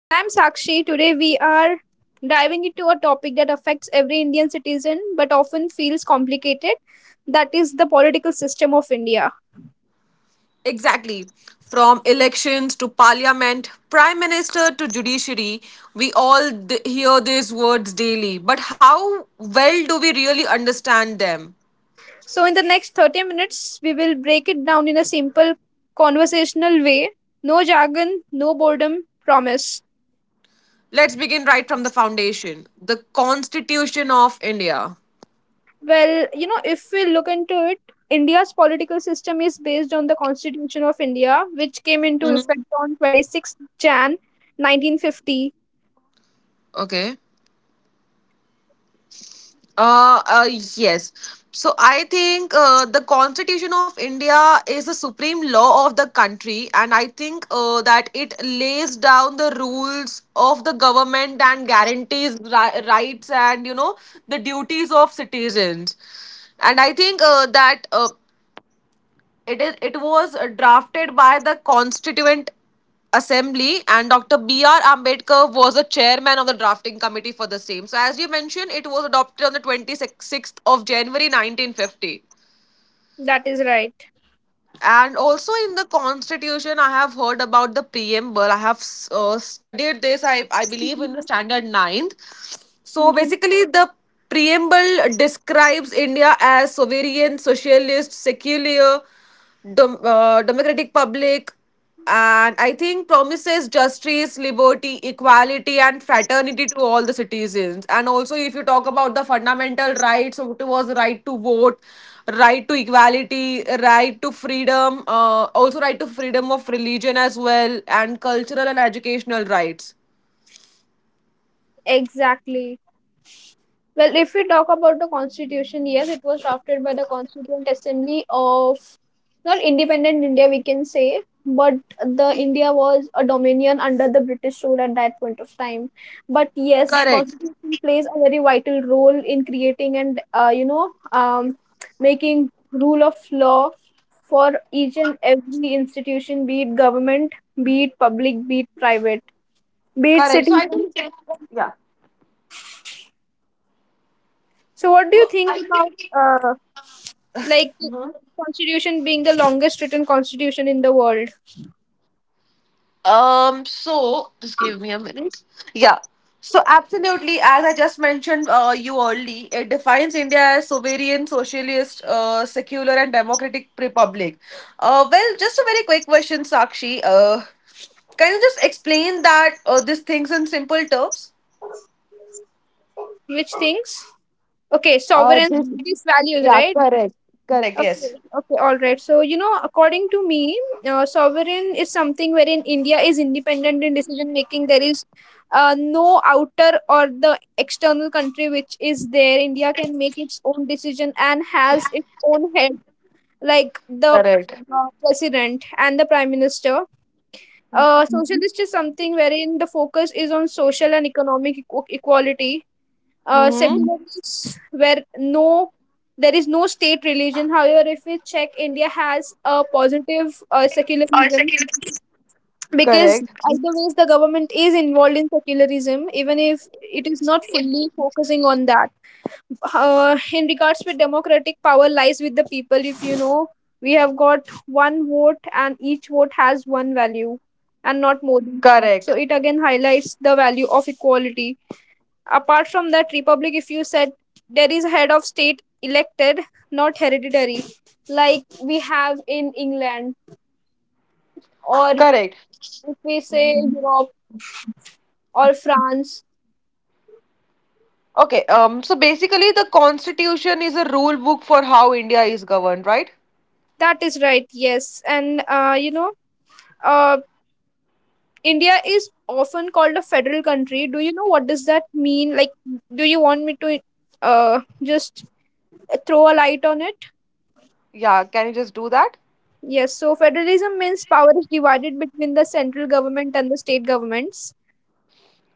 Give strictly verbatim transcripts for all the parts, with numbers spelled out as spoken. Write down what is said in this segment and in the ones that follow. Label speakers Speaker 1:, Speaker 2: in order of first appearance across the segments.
Speaker 1: And I'm Sakshi. Today we are diving into a topic that affects every Indian citizen but often feels complicated, that is, the political system of India.
Speaker 2: Exactly. From elections to parliament, prime minister to judiciary, we all d- hear these words daily. But how well do we really understand them?
Speaker 1: So, in the next thirty minutes, we will break it down in a simple, conversational way. No jargon, no boredom, promise.
Speaker 2: Let's begin right from the foundation the Constitution of India.
Speaker 1: Well, you know, if we look into it, India's political system is based on the Constitution of India, which came into effect
Speaker 2: Mhm.
Speaker 1: on twenty-sixth January nineteen fifty.
Speaker 2: Okay. Uh, uh, yes. So I think uh, the Constitution of India is the supreme law of the country, and I think uh, that it lays down the rules of the government and guarantees ri- rights and you know the duties of citizens. And I think uh, that uh, it is. It was uh, drafted by the Constituent Assembly, and Doctor B R. Ambedkar was the chairman of the drafting committee for the same. So, as you mentioned, it was adopted on the twenty-sixth of January nineteen fifty.
Speaker 1: That is right.
Speaker 2: And also in the constitution, I have heard about the preamble. I have uh, studied this, I, I believe, in the standard ninth. So
Speaker 1: Mhm.
Speaker 2: basically, the preamble describes India as sovereign, socialist, secular, dom uh, democratic public, and I think promises justice, liberty, equality, and fraternity to all the citizens. And also, if you talk about the fundamental rights, so it was right to vote, right to equality, right to freedom, uh, also right to freedom of religion as well, and cultural and educational rights.
Speaker 1: Exactly. Well, if we talk about the constitution, yes, it was drafted by the Constituent Assembly of not independent India, we can say, but the India was a dominion under the British rule at that point of time. But yes,
Speaker 2: Correct.
Speaker 1: constitution plays a very vital role in creating and uh, you know um, making rule of law for each and every institution, be it government, be it public, be it private, be it
Speaker 2: Correct. So I
Speaker 1: citizen.
Speaker 2: think yeah.
Speaker 1: So, what do you think about uh, like
Speaker 2: Mhm.
Speaker 1: constitution being the longest written constitution in the world?
Speaker 2: Um, so just give me a minute. Yeah. So absolutely, as I just mentioned uh, you early, it defines India as sovereign, socialist, uh, secular, and democratic republic. Uh, well, just a very quick question, Sakshi. Uh, can you just explain that uh, these things in simple terms?
Speaker 1: Which things? Okay,
Speaker 2: Uh,
Speaker 1: sovereign,
Speaker 2: this,
Speaker 1: these values,
Speaker 2: yeah,
Speaker 1: right?
Speaker 2: correct, correct, Correct.
Speaker 1: Okay,
Speaker 2: Yes.
Speaker 1: okay, all right. So, you know, according to me, uh, sovereign is something wherein India is independent in decision making. There is uh, no outer or the external country which is there. India can make its own decision and has its own head, like the
Speaker 2: Correct.
Speaker 1: uh, president and the prime minister. Uh, Mhm. Socialist is something wherein the focus is on social and economic equ- equality. Uh, Mm.
Speaker 2: Mm-hmm.
Speaker 1: Secular is where no, there is no state religion. However, if we check, India has a positive uh, secularism, because
Speaker 2: Correct.
Speaker 1: either ways the government is involved in secularism, even if it is not fully focusing on that. Uh, in regards with democratic, power lies with the people. If you know, we have got one vote and each vote has one value and not more
Speaker 2: Correct.
Speaker 1: than that, so it again highlights the value of equality. Apart from that, republic, if you said, there is head of state elected, not hereditary, like we have in England, or,
Speaker 2: Correct.
Speaker 1: if we say, Europe or France.
Speaker 2: Okay, um, so basically the constitution is a rule book for how India is governed, right?
Speaker 1: That is right. Yes, and uh, you know uh, India is often called a federal country. Do you know what does that mean? Like, do you want me to uh just throw a light on it?
Speaker 2: Yeah, can you just do that?
Speaker 1: Yes. So federalism means power is divided between the central government and the state governments.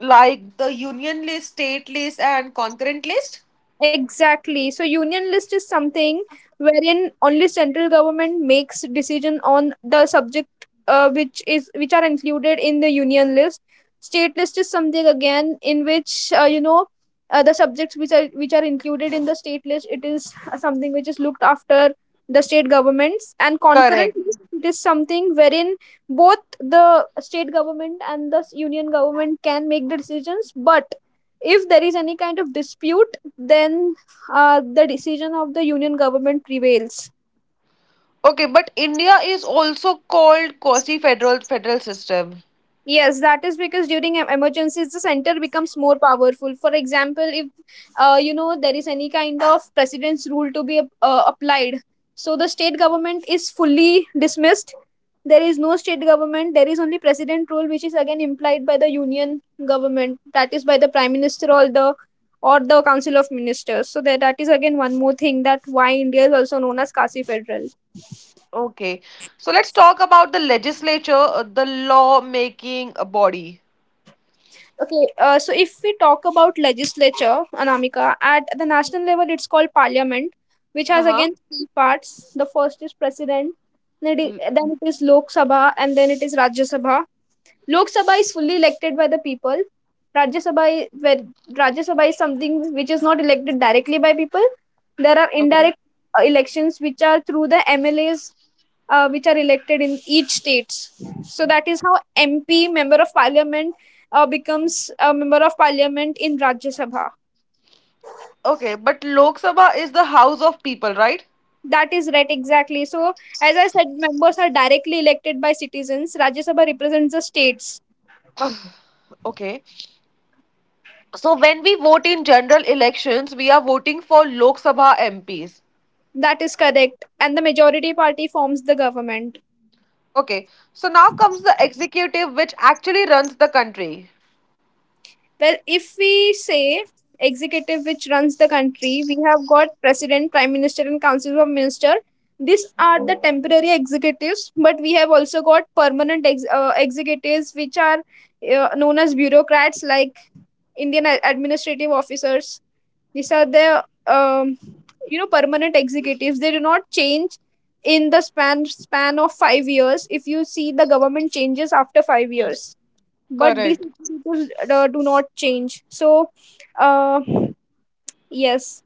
Speaker 2: Like the union list, state list, and concurrent list?
Speaker 1: Exactly. So union list is something wherein only central government makes decision on the subject uh, which is which are included in the union list. State list is something, again, in which uh, you know uh, the subjects which are which are included in the state list, it is uh, something which is looked after the state governments, and concurrent
Speaker 2: Correct.
Speaker 1: list, it is something wherein both the state government and the s- union government can make the decisions, but if there is any kind of dispute, then uh, the decision of the union government prevails.
Speaker 2: Okay, but India is also called quasi-federal federal system.
Speaker 1: Yes, that is because during em- emergencies, the center becomes more powerful. For example, if, uh, you know there is any kind of president's rule to be ap- uh, applied, so the state government is fully dismissed. There is no state government. There is only president rule, which is again implied by the union government. That is by the prime minister or the, or the council of ministers. So that that is again one more thing that why India is also known as quasi Federal.
Speaker 2: Okay, so let's talk about the legislature, uh, the law-making uh, body.
Speaker 1: Okay, uh, so if we talk about legislature, Anamika, at the national level, it's called parliament, which has
Speaker 2: Uh-huh.
Speaker 1: again three parts. The first is president, then it
Speaker 2: Mm.
Speaker 1: i- then it is Lok Sabha, and then it is Rajya Sabha. Lok Sabha is fully elected by the people. Rajya Sabha, i- where Rajya Sabha is something which is not elected directly by people. There are
Speaker 2: Okay.
Speaker 1: indirect uh, elections which are through the M L As uh, which are elected in each states. So that is how M P, member of parliament, uh, becomes a member of parliament in Rajya Sabha.
Speaker 2: Okay, but Lok Sabha is the house of people, right?
Speaker 1: That is right, exactly. So, as I said, members are directly elected by citizens. Rajya Sabha represents the states.
Speaker 2: Okay. So when we vote in general elections, we are voting for Lok Sabha M Ps.
Speaker 1: That is correct. And the majority party forms the government.
Speaker 2: Okay. So now comes the executive, which actually runs the country.
Speaker 1: Well, if we say executive which runs the country, we have got president, prime minister, and council of minister. These are the temporary executives, but we have also got permanent ex- uh, executives, which are uh, known as bureaucrats, like Indian a- administrative officers. These are the um, you know permanent executives. They do not change in the span span of five years. If you see, the government changes after five years, but these
Speaker 2: Correct.
Speaker 1: people uh, do not change, so uh, yes.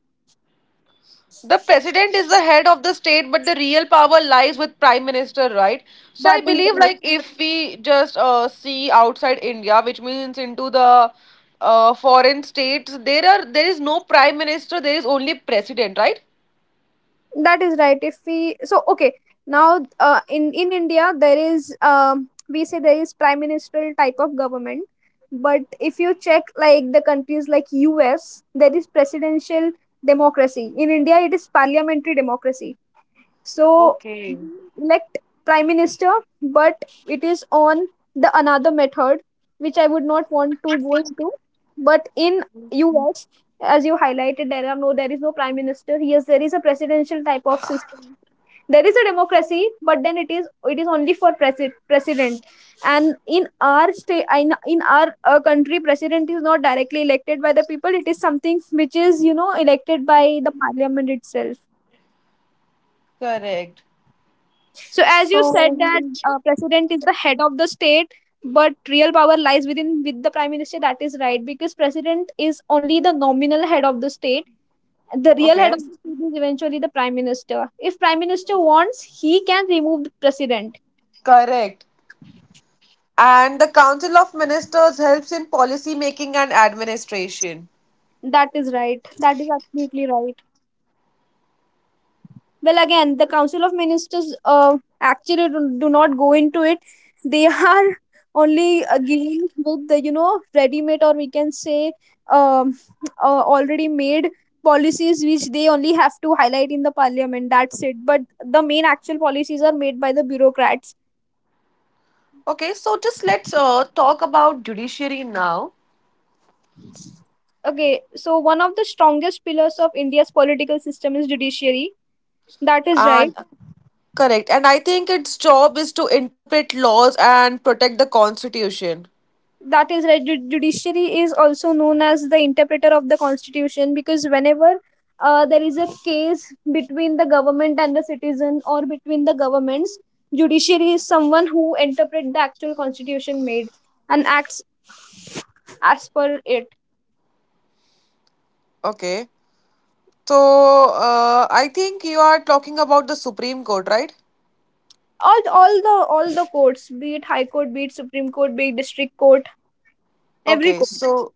Speaker 2: The president is the head of the state, but the real power lies with prime minister, right? So
Speaker 1: That
Speaker 2: I
Speaker 1: is
Speaker 2: believe,
Speaker 1: right.
Speaker 2: like, if we just uh, see outside India, which means into the uh, foreign states, there are there is no prime minister, there is only president, right?
Speaker 1: That is right, if we, so okay, now uh, in in India there is, um, we say there is prime ministerial type of government, but if you check, like the countries like US, there is presidential democracy. In India, it is parliamentary democracy. So
Speaker 2: Okay.
Speaker 1: elect prime minister, but it is on the another method, which I would not want to go into. But in U S, as you highlighted, there are no there is no prime minister. Yes, there is a presidential type of system. There is a democracy, but then it is it is only for presi- president. And in our state, in, in our uh, country, president is not directly elected by the people. It is something which is, you know, elected by the parliament itself.
Speaker 2: Correct.
Speaker 1: So, as you said that uh, president is the head of the state, but real power lies within with the prime minister. That is right, because president is only the nominal head of the state. The real head
Speaker 2: Okay.
Speaker 1: of the state is eventually the prime minister. If prime minister wants, he can remove the president.
Speaker 2: Correct. And the Council of Ministers helps in policy making and administration.
Speaker 1: That is right. That is absolutely right. Well, again, the Council of Ministers uh, actually do, do not go into it. They are only uh, given with the, you know, ready-made, or we can say, um, uh, already made policies which they only have to highlight in the parliament, that's it. But the main actual policies are made by the bureaucrats.
Speaker 2: Okay, so just let's uh, talk about judiciary now.
Speaker 1: Okay, so one of the strongest pillars of India's political system is judiciary. That is right.
Speaker 2: And correct, and I think its job is to interpret laws and protect the constitution.
Speaker 1: that is right Ju- judiciary is also known as the interpreter of the constitution, because whenever uh, there is a case between the government and the citizen or between the governments, judiciary is someone who interpret the actual constitution made and acts as per it.
Speaker 2: Okay, so uh, I think you are talking about the Supreme Court, right?
Speaker 1: All all the all the courts, be it high court, be it supreme court, be it district court, every
Speaker 2: Okay,
Speaker 1: court.
Speaker 2: so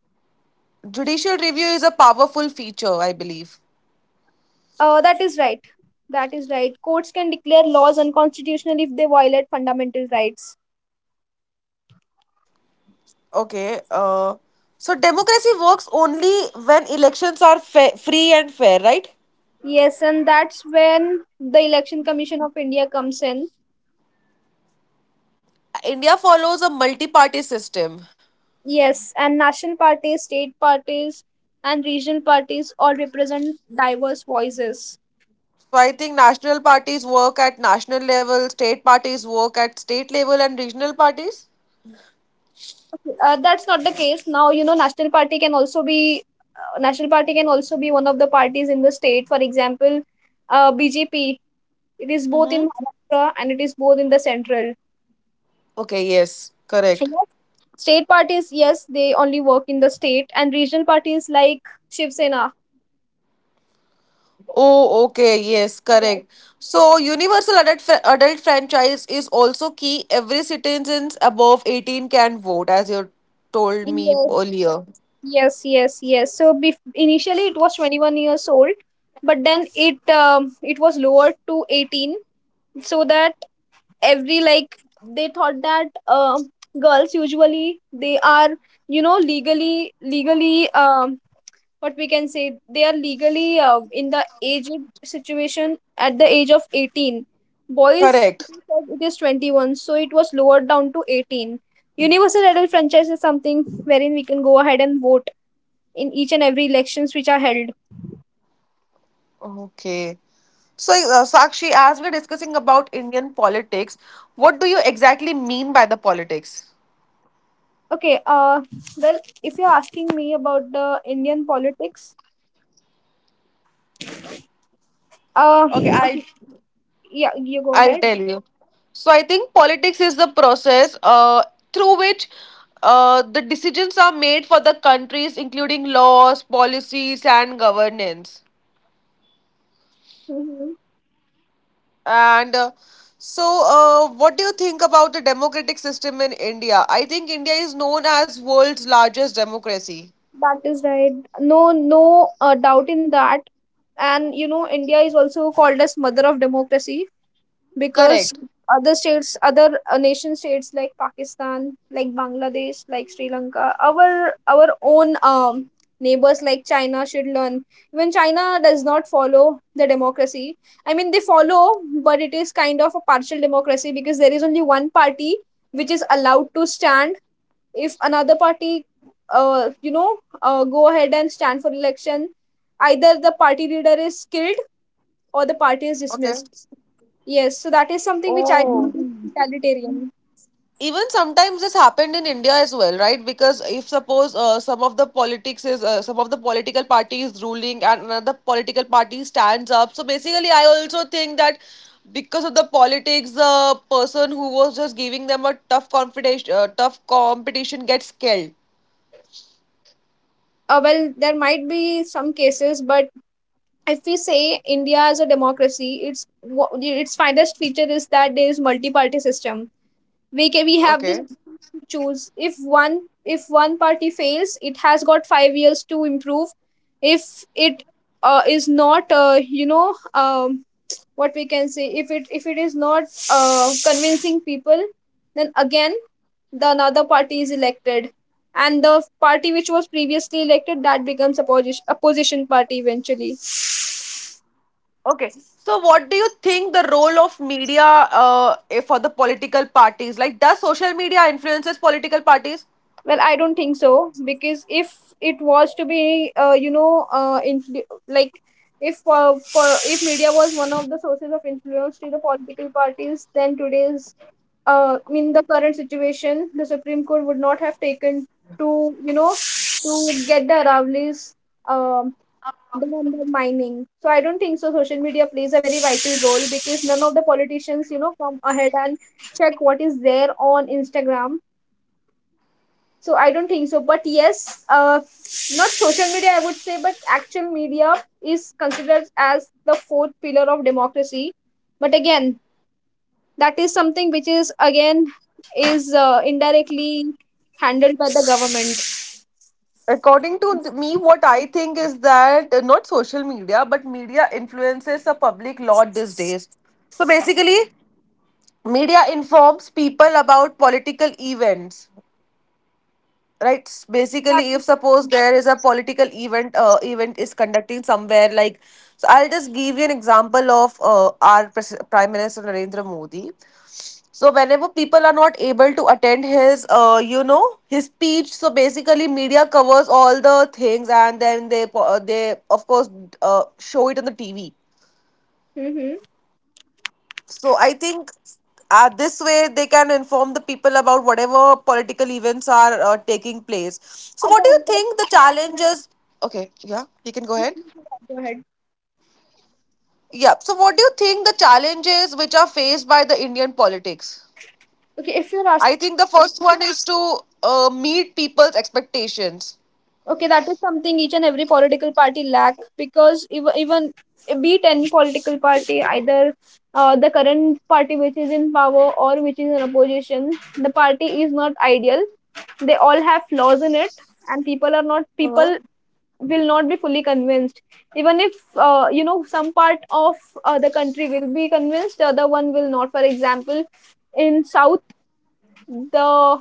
Speaker 2: judicial review is a powerful feature, I believe.
Speaker 1: uh, That is right. That is right courts can declare laws unconstitutional if they violate fundamental rights.
Speaker 2: Okay, uh, so democracy works only when elections are fa- free and fair, right?
Speaker 1: Yes, and that's when the Election Commission of India comes in.
Speaker 2: India follows a multi-party system.
Speaker 1: Yes, and national parties, state parties, and regional parties all represent diverse voices.
Speaker 2: So I think national parties work at national level, state parties work at state level, and regional parties.
Speaker 1: Uh, that's not the case now. You know, national party can also be uh, national party can also be one of the parties in the state. For example, uh, B J P. It is both
Speaker 2: Mm-hmm.
Speaker 1: in Maharashtra and it is both in the central.
Speaker 2: Okay, yes,
Speaker 1: Yes.
Speaker 2: correct.
Speaker 1: State parties, yes, they only work in the state, and regional parties like Shiv Sena.
Speaker 2: Oh, okay, yes,
Speaker 1: Yes.
Speaker 2: correct. So universal adult fr- adult franchise is also key. Every citizens above eighteen can vote, as you told me
Speaker 1: Yes,
Speaker 2: earlier.
Speaker 1: Yes, yes, yes. So bef initially it was twenty-one years old, but then it um, it was lowered to eighteen, so that every, like, they thought that, um girls usually, they are, you know, legally legally, um what we can say, they are legally uh, in the age situation at the age of eighteen. Boys
Speaker 2: Correct.
Speaker 1: said it is twenty-one, so it was lowered down to eighteen. Universal adult franchise is something wherein we can go ahead and vote in each and every elections which are held.
Speaker 2: Okay. So, uh, Sakshi, as we're discussing about Indian politics, what do you exactly mean by the politics?
Speaker 1: Okay, uh well, if you're asking me about the Indian politics, uh
Speaker 2: Okay,
Speaker 1: okay,
Speaker 2: I'll
Speaker 1: yeah, you go
Speaker 2: I'll
Speaker 1: ahead.
Speaker 2: tell you. So I think politics is the process uh, through which uh, the decisions are made for the countries, including laws, policies, and governance.
Speaker 1: Mhm.
Speaker 2: And uh, so, uh, what do you think about the democratic system in India? I think India is known as world's largest democracy.
Speaker 1: That is right. No no uh, doubt in that. And you know, India is also called as mother of democracy, because
Speaker 2: Correct.
Speaker 1: other states, other uh, nation states like Pakistan, like Bangladesh, like Sri Lanka, our our own, um neighbors like China should learn. Even China does not follow the democracy. I mean, they follow, but it is kind of a partial democracy, because there is only one party which is allowed to stand. If another party uh, you know uh, go ahead and stand for election, either the party leader is killed or the party is
Speaker 2: Okay.
Speaker 1: dismissed. Yes, so that is something which I think is, Mm, totalitarian.
Speaker 2: Even sometimes this happened in India as well, right? Because if suppose uh, some of the politics is uh, some of the political party is ruling and another political party stands up, so basically I also think that because of the politics the person who was just giving them a tough competition uh, tough competition gets killed.
Speaker 1: Uh, well, there might be some cases, but if we say India as a democracy, its wha- its finest feature is that there is multi-party system. We can we have this
Speaker 2: Okay.
Speaker 1: option to choose. If one if one party fails, it has got five years to improve. If it uh, is not, uh, you know, um, what we can say, if it if it is not uh, convincing people, then again the another party is elected, and the party which was previously elected, that becomes opposition opposition party eventually.
Speaker 2: So what do you think the role of media uh, eh, for the political parties, like does social media influences political parties?
Speaker 1: Well, I don't think so, because if it was to be uh, you know uh, influ- like if uh, for if media was one of the sources of influence to the political parties, then today's uh, in the current situation the Supreme Court would not have taken to, you know, to get the Aravlis um than the mining. So I don't think so. Social media plays a very vital role because none of the politicians, you know, come ahead and check what is there on Instagram. So I don't think so. But yes, uh, not social media, I would say, but actual media is considered as the fourth pillar of democracy. But again, that is something which is again is uh, indirectly handled by the government.
Speaker 2: According to th- me, what I think is that uh, not social media, but media influences the public lot these days. So basically, media informs people about political events, right? S-
Speaker 1: That
Speaker 2: Basically, if
Speaker 1: is,
Speaker 2: suppose there is a political event, uh, event is conducting somewhere, like so, I'll just give you an example of uh, our pres- Prime Minister Narendra Modi. So whenever people are not able to attend his, uh, you know, his speech, so basically media covers all the things, and then they, po- uh, they of course, uh, show it on the T V.
Speaker 1: mm-hmm,
Speaker 2: So I think uh, this way they can inform the people about whatever political events are uh, taking place. So what do you
Speaker 1: again, that,
Speaker 2: think the challenges? Okay, yeah, you can go
Speaker 1: yeah,
Speaker 2: ahead.
Speaker 1: you can go ahead.
Speaker 2: Yeah. So what do you think the challenges which are faced by the Indian politics?
Speaker 1: Okay, if
Speaker 2: I
Speaker 1: you're
Speaker 2: think the
Speaker 1: asking.
Speaker 2: first one is to uh, meet people's expectations.
Speaker 1: Okay, that is something each and every political party lack, because even, even be it any political party, either uh, the current party which is in power or which is in opposition, the party is not ideal. They all have flaws in it, and people are not
Speaker 2: Uh-huh.
Speaker 1: people will not be fully convinced. Even if uh, you know some part of uh, the country will be convinced, the other one will not. For example, in South the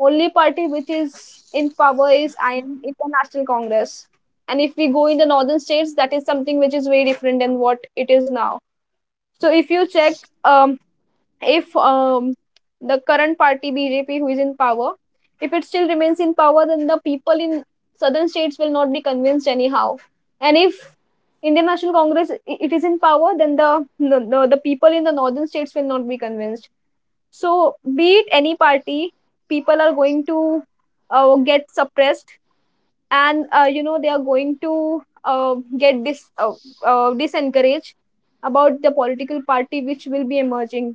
Speaker 1: only party which is in power is in international congress, and if we go in the northern states, that is something which is very different than what it is now. So if you check, um, if um, the current party BJP who is in power, if it still remains in power, then the people in southern states will not be convinced anyhow. And if Indian National Congress i- it is in power, then the, the the the people in the northern states will not be convinced. So, be it any party, people are going to uh, get suppressed, and uh, you know they are going to uh, get dis uh, uh, disencouraged about the political party which will be emerging.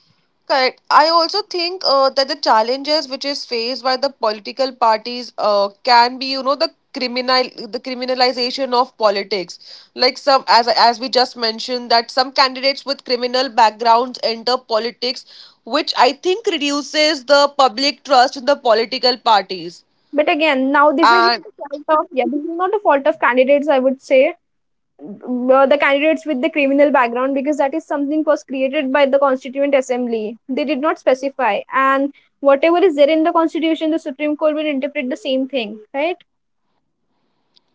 Speaker 2: Correct. I also think uh, that the challenges which is faced by the political parties uh, can be, you know, the criminal the criminalization of politics. Like some as as we just mentioned that some candidates with criminal backgrounds enter politics, which I think reduces the public trust in the political parties.
Speaker 1: But again, now this is not
Speaker 2: And
Speaker 1: the fault of, yeah, this is not the fault of candidates. I would say uh, the candidates with the criminal background, because that is something was created by the constituent assembly. They did not specify, and whatever is there in the constitution, the Supreme Court will interpret the same thing, right?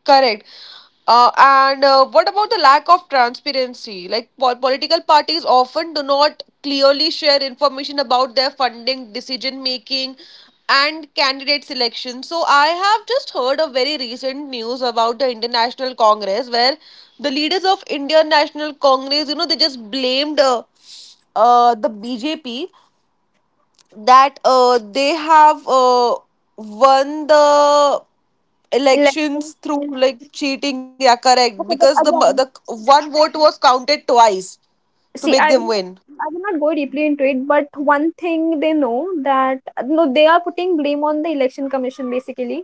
Speaker 2: correct. Uh, and uh, what about the lack of transparency? Like po- political parties often do not clearly share information about their funding, decision making, and candidate selection. So I have just heard a very recent news about the Indian National Congress where the leaders of Indian National Congress, you know, they just blamed uh, uh, the B J P that uh, they have uh, won the
Speaker 1: Like,
Speaker 2: elections through like cheating, yeah, correct,
Speaker 1: okay,
Speaker 2: because
Speaker 1: but
Speaker 2: the mo- the
Speaker 1: again,
Speaker 2: one vote was counted twice to
Speaker 1: see,
Speaker 2: make
Speaker 1: I will
Speaker 2: them
Speaker 1: not,
Speaker 2: win.
Speaker 1: I will not go deeply into it. But one thing they know that no, they are putting blame on the election commission basically.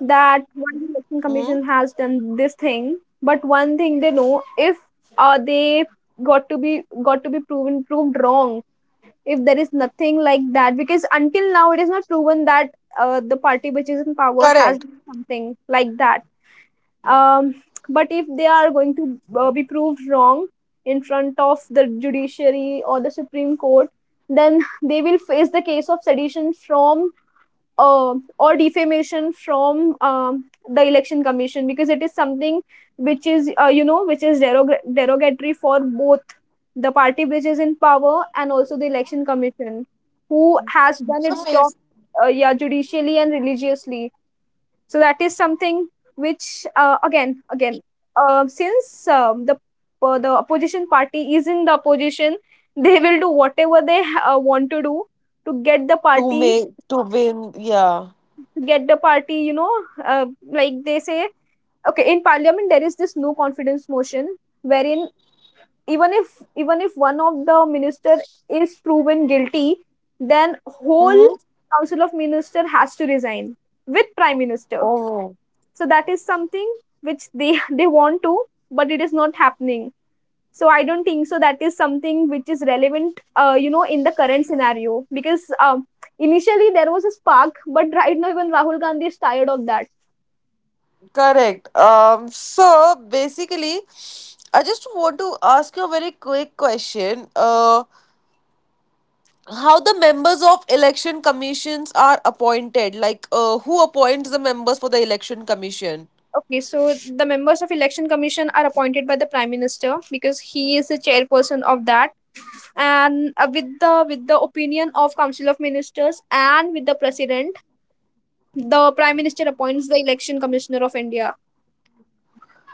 Speaker 1: That one
Speaker 2: Hmm.
Speaker 1: election commission has done this thing. But one thing they know, if uh, they got to be got to be proven proved wrong. If there is nothing like that, because until now it is not proven that uh, the party which is in power has
Speaker 2: Correct.
Speaker 1: done something like that. Um, but if they are going to uh, be proved wrong in front of the judiciary or the Supreme Court, then they will face the case of sedition from uh, or defamation from um, the election commission, because it is something which is uh, you know which is derog- derogatory for both the party which is in power and also the election commission who has done
Speaker 2: So
Speaker 1: its job,
Speaker 2: bas-
Speaker 1: uh, yeah, judicially and religiously. So that is something which uh, again again, uh, since um, the uh, the opposition party is in the opposition, they will do whatever they uh, want to do to get the
Speaker 2: to
Speaker 1: party,
Speaker 2: make to win, yeah.
Speaker 1: to get the party. You know, uh, like they say, okay, in parliament there is this no confidence motion wherein even if even if one of the minister is proven guilty, then whole
Speaker 2: Hmm.
Speaker 1: council of minister has to resign with prime minister.
Speaker 2: Oh.
Speaker 1: So that is something which they they want to, but it is not happening. So I don't think so. That is something which is relevant, uh, you know, in the current scenario, because um, initially there was a spark, but right now even Rahul Gandhi is tired of that.
Speaker 2: Correct. Um so basically I just want to ask you a very quick question. Uh how the members of election commissions are appointed? Like uh, who appoints the members for the election commission?
Speaker 1: Okay, so the members of election commission are appointed by the prime minister, because he is the chairperson of that, and uh, with the with the opinion of council of ministers and with the president, the prime minister appoints the election commissioner of India.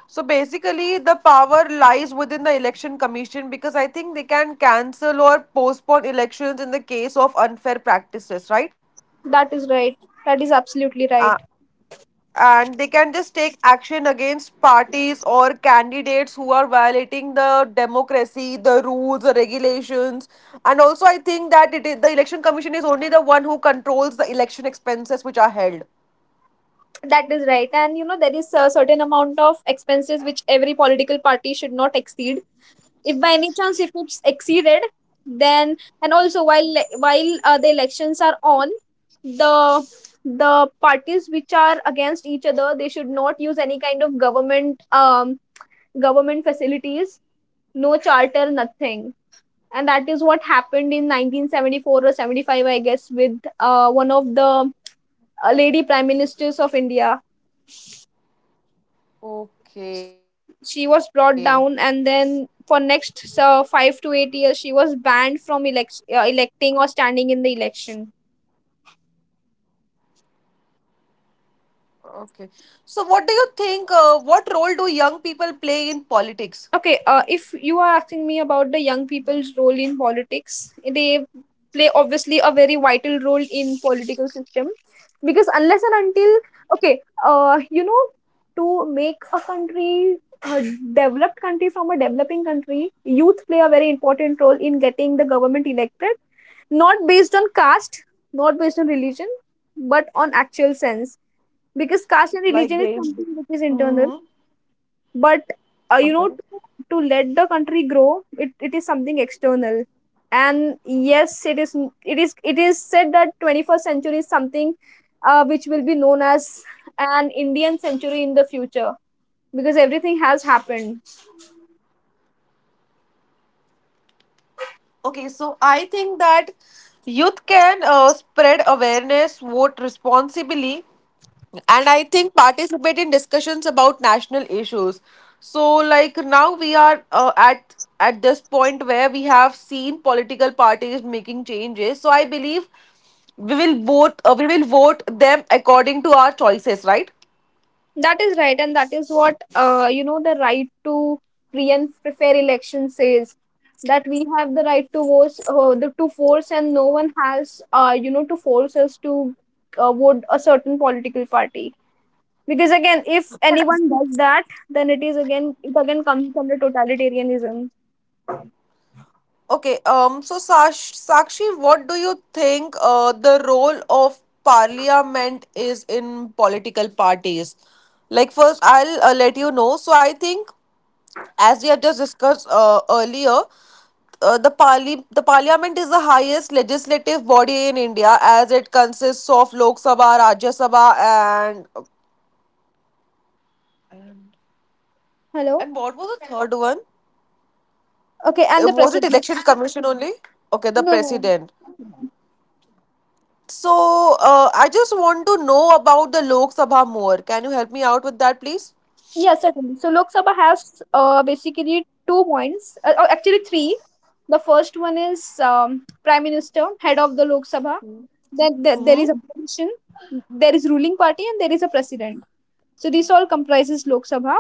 Speaker 2: So basically, the power lies within the election commission because I think they can cancel or postpone elections in the case of unfair practices, right?
Speaker 1: That is right. That is absolutely right.
Speaker 2: Uh, and they can just take action against parties or candidates who are violating the democracy, the rules, the regulations. And also, I think that it is, the election commission is only the one who controls the election expenses which are held.
Speaker 1: That is right. And you know, there is a certain amount of expenses which every political party should not exceed. If by any chance if it's exceeded, then and also while le- while uh, the elections are on, the the parties which are against each other, they should not use any kind of government um government facilities, no charter, nothing. And that is what happened in nineteen seventy-four or seventy-five, I guess, with uh, one of the a lady prime ministers of India.
Speaker 2: Okay.
Speaker 1: She was brought down, and then for next uh, five to eight years, she was banned from elect- uh, electing or standing in the election.
Speaker 2: Okay. So, what do you think? Uh, what role do young people play in politics?
Speaker 1: Okay, uh, if you are asking me about the young people's role in politics, they play obviously a very vital role in political system, because unless and until, okay, uh, you know, to make a country a developed country from a developing country, youth play a very important role in getting the government elected, not based on caste, not based on religion, but on actual sense. Because caste and
Speaker 2: Like
Speaker 1: religion is
Speaker 2: they
Speaker 1: something which is internal,
Speaker 2: hmm
Speaker 1: but uh, you know,
Speaker 2: okay
Speaker 1: to, to let the country grow, it, it is something external. And yes, it is it is it is said that twenty-first century is something uh, which will be known as an Indian century in the future, because everything has happened.
Speaker 2: okay. So I think that youth can uh, spread awareness, vote responsibly, and I think participate in discussions about national issues. So like now we are uh, at at this point where we have seen political parties making changes, so I believe we will vote uh, we will vote them according to our choices, right?
Speaker 1: That is right, and that is what uh, you know the right to free and f- fair election says, that we have the right to vote, uh, the to force, and no one has uh, you know to force us to uh, vote a certain political party. Because again, if anyone does that, then it is again it again comes under totalitarianism.
Speaker 2: Okay, um, so Sash Sakshi, what do you think uh, the role of parliament is in political parties? Like, first, I'll uh, let you know. So, I think, as we have just discussed uh, earlier, uh, the parli the parliament is the highest legislative body in India as it consists of Lok Sabha, Rajya Sabha, and
Speaker 1: Hello.
Speaker 2: and what was the third one?
Speaker 1: Okay, and
Speaker 2: Uh,
Speaker 1: the
Speaker 2: Was it
Speaker 1: president.
Speaker 2: election commission only? Okay, the
Speaker 1: No, no,
Speaker 2: president.
Speaker 1: no.
Speaker 2: So, uh, I just want to know about the Lok Sabha more. Can you help me out with that, please?
Speaker 1: Yes, certainly. So Lok Sabha has uh, basically two points, uh, or actually three. The first one is um, Prime Minister, head of the Lok Sabha. Then there, there
Speaker 2: Mm-hmm.
Speaker 1: is a opposition, there is ruling party, and there is a president. So this all comprises Lok Sabha.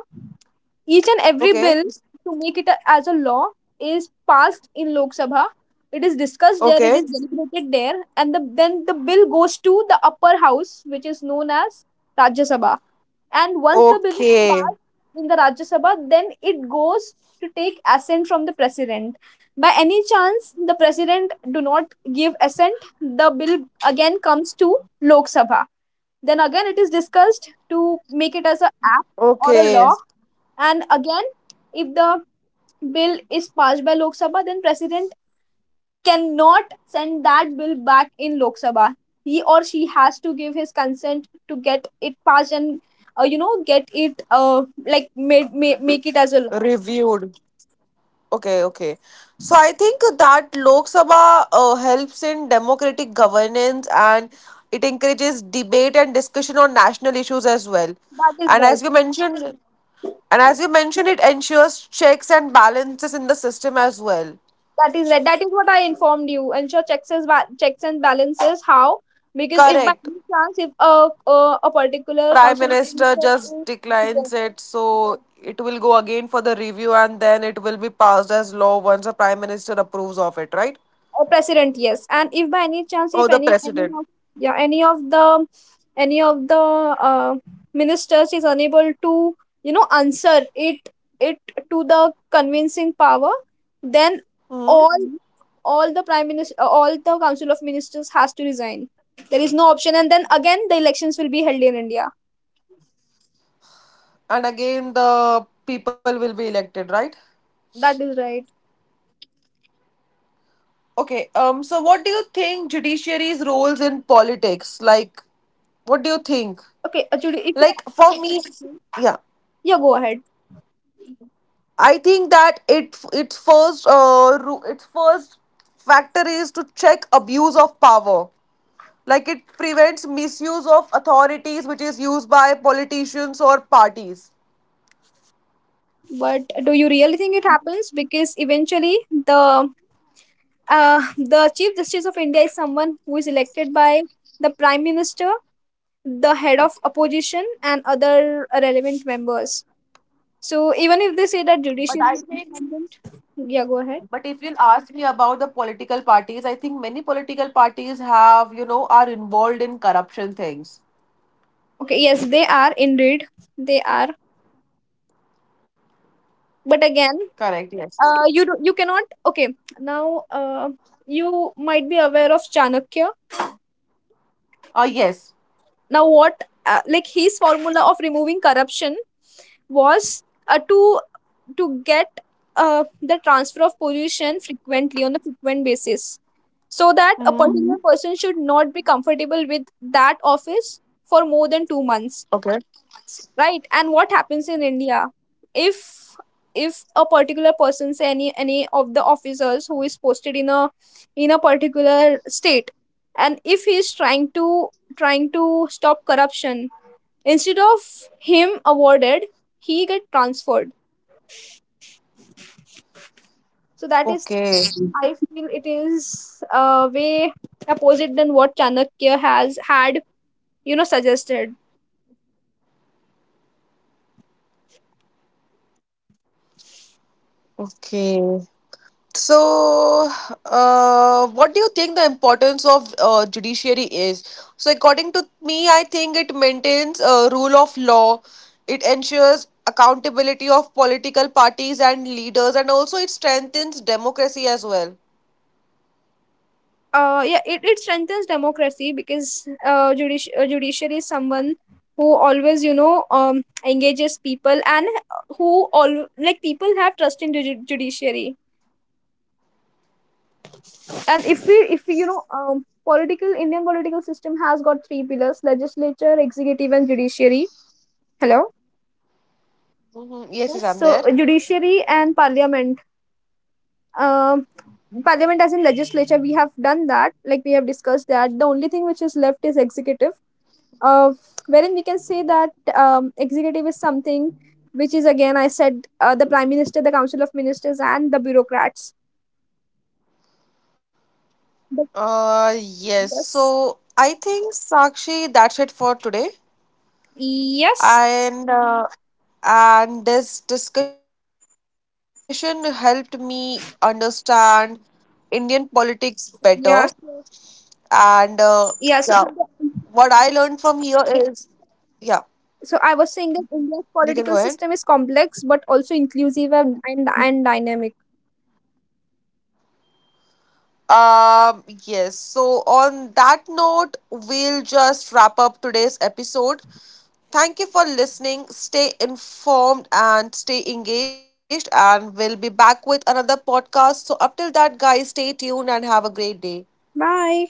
Speaker 1: Each and every
Speaker 2: Okay.
Speaker 1: bill to make it a, as a law, is passed in Lok Sabha. It is discussed there, it
Speaker 2: Okay.
Speaker 1: is deliberated there, and the, then the bill goes to the upper house, which is known as Rajya Sabha. And once the bill is
Speaker 2: Okay.
Speaker 1: passed in the Rajya Sabha, then it goes to take assent from the president. By any chance, the president do not give assent, the bill again comes to Lok Sabha. Then again, it is discussed to make it as a act
Speaker 2: Okay.
Speaker 1: or a law. And again, if the bill is passed by Lok Sabha, then President cannot send that bill back in Lok Sabha. He or she has to give his consent to get it passed and uh, you know get it uh, like made, ma- make it as a law.
Speaker 2: Reviewed. Okay. Okay. So, I think that Lok Sabha uh, helps in democratic governance and it encourages debate and discussion on national issues as well.
Speaker 1: That is
Speaker 2: And
Speaker 1: right.
Speaker 2: as you mentioned, and as you mentioned, it ensures checks and balances in the system as well.
Speaker 1: That is right. That is what I informed you. Ensure checks and ba- checks and balances. How? Because if by
Speaker 2: Correct.
Speaker 1: any chance if a a, a particular
Speaker 2: Prime
Speaker 1: council of
Speaker 2: Minister
Speaker 1: minister
Speaker 2: just
Speaker 1: is.
Speaker 2: declines it, so it will go again for the review and then it will be passed as law once the Prime Minister approves of it, right?
Speaker 1: Uh, president, yes. And if by any chance,
Speaker 2: Or
Speaker 1: if
Speaker 2: the
Speaker 1: any, any
Speaker 2: President.
Speaker 1: of, yeah, any of the, any of the uh, ministers is unable to, you know, answer it, it to the convincing power, then all,
Speaker 2: Hmm.
Speaker 1: mhm, all the prime minister, all the council of ministers has to resign. There is no option, and then again the elections will be held in India.
Speaker 2: And again, the people will be elected, right?
Speaker 1: That is right.
Speaker 2: Okay. Um. So, what do you think judiciary's roles in politics? Like, what do you think?
Speaker 1: Okay, actually, if
Speaker 2: Like for me,
Speaker 1: you-
Speaker 2: yeah,
Speaker 1: yeah, go ahead.
Speaker 2: I think that it its first uh ru- its first factor is to check abuse of power. Like it prevents misuse of authorities, which is used by politicians or parties.
Speaker 1: But do you really think it happens? Because eventually the uh, the chief justice of India is someone who is elected by the prime minister, the head of opposition and other relevant members. So even if they say that judiciary is independent, yeah, go ahead.
Speaker 2: But if you'll ask me about the political parties, I think many political parties have, you know, are involved in corruption things.
Speaker 1: Okay, yes, they are indeed, they are, but again,
Speaker 2: Correct, yes.
Speaker 1: uh, you do, you cannot. Okay, now, uh, you might be aware of Chanakya.
Speaker 2: Uh, yes.
Speaker 1: Now, what uh, like his formula of removing corruption was uh, to to get uh, the transfer of position frequently on a frequent basis, so that a
Speaker 2: Hmm.
Speaker 1: particular, mhm, person should not be comfortable with that office for more than two months,
Speaker 2: Okay.
Speaker 1: right? And what happens in India, if if a particular person, say any any of the officers who is posted in a in a particular state, and if he is trying to, trying to stop corruption, instead of him awarded, he get transferred. So that is,
Speaker 2: Okay.
Speaker 1: I feel it is uh, way opposite than what Chanakya has had, you know, suggested.
Speaker 2: Okay. So, uh, what do you think the importance of uh, judiciary is? So, according to me, I think it maintains a rule of law. It ensures accountability of political parties and leaders, and also it strengthens democracy as well.
Speaker 1: Uh, yeah, it, it strengthens democracy, because uh, judici- uh, judiciary is someone who always, you know, um, engages people and who all like people have trust in the ju- judiciary. And if we, if we, you know, um, political Indian political system has got three pillars: legislature, executive, and judiciary. Hello.
Speaker 2: Mhm. Yes, yes, I'm
Speaker 1: Yes.
Speaker 2: there.
Speaker 1: So uh, judiciary and parliament. Um, Parliament as in legislature, we have done that. Like we have discussed that. The only thing which is left is executive, uh, wherein we can say that um, executive is something which is again I said uh, the prime minister, the council of ministers and the bureaucrats, but
Speaker 2: Uh, yes.
Speaker 1: yes,
Speaker 2: So, I think Sakshi, that's it for today.
Speaker 1: yes,
Speaker 2: And uh, and this discussion helped me understand Indian politics better.
Speaker 1: yes,
Speaker 2: And uh, yeah,
Speaker 1: yeah. So,
Speaker 2: what I learned from here is yeah,
Speaker 1: so I was saying
Speaker 2: you
Speaker 1: that
Speaker 2: can go
Speaker 1: India's
Speaker 2: ahead.
Speaker 1: political system is complex but also inclusive and and, and dynamic.
Speaker 2: Um, yes, so on that note, we'll just wrap up today's episode. Thank you for listening. Stay informed and stay engaged, and we'll be back with another podcast. So, up till that, guys, stay tuned and have a great day.
Speaker 1: Bye.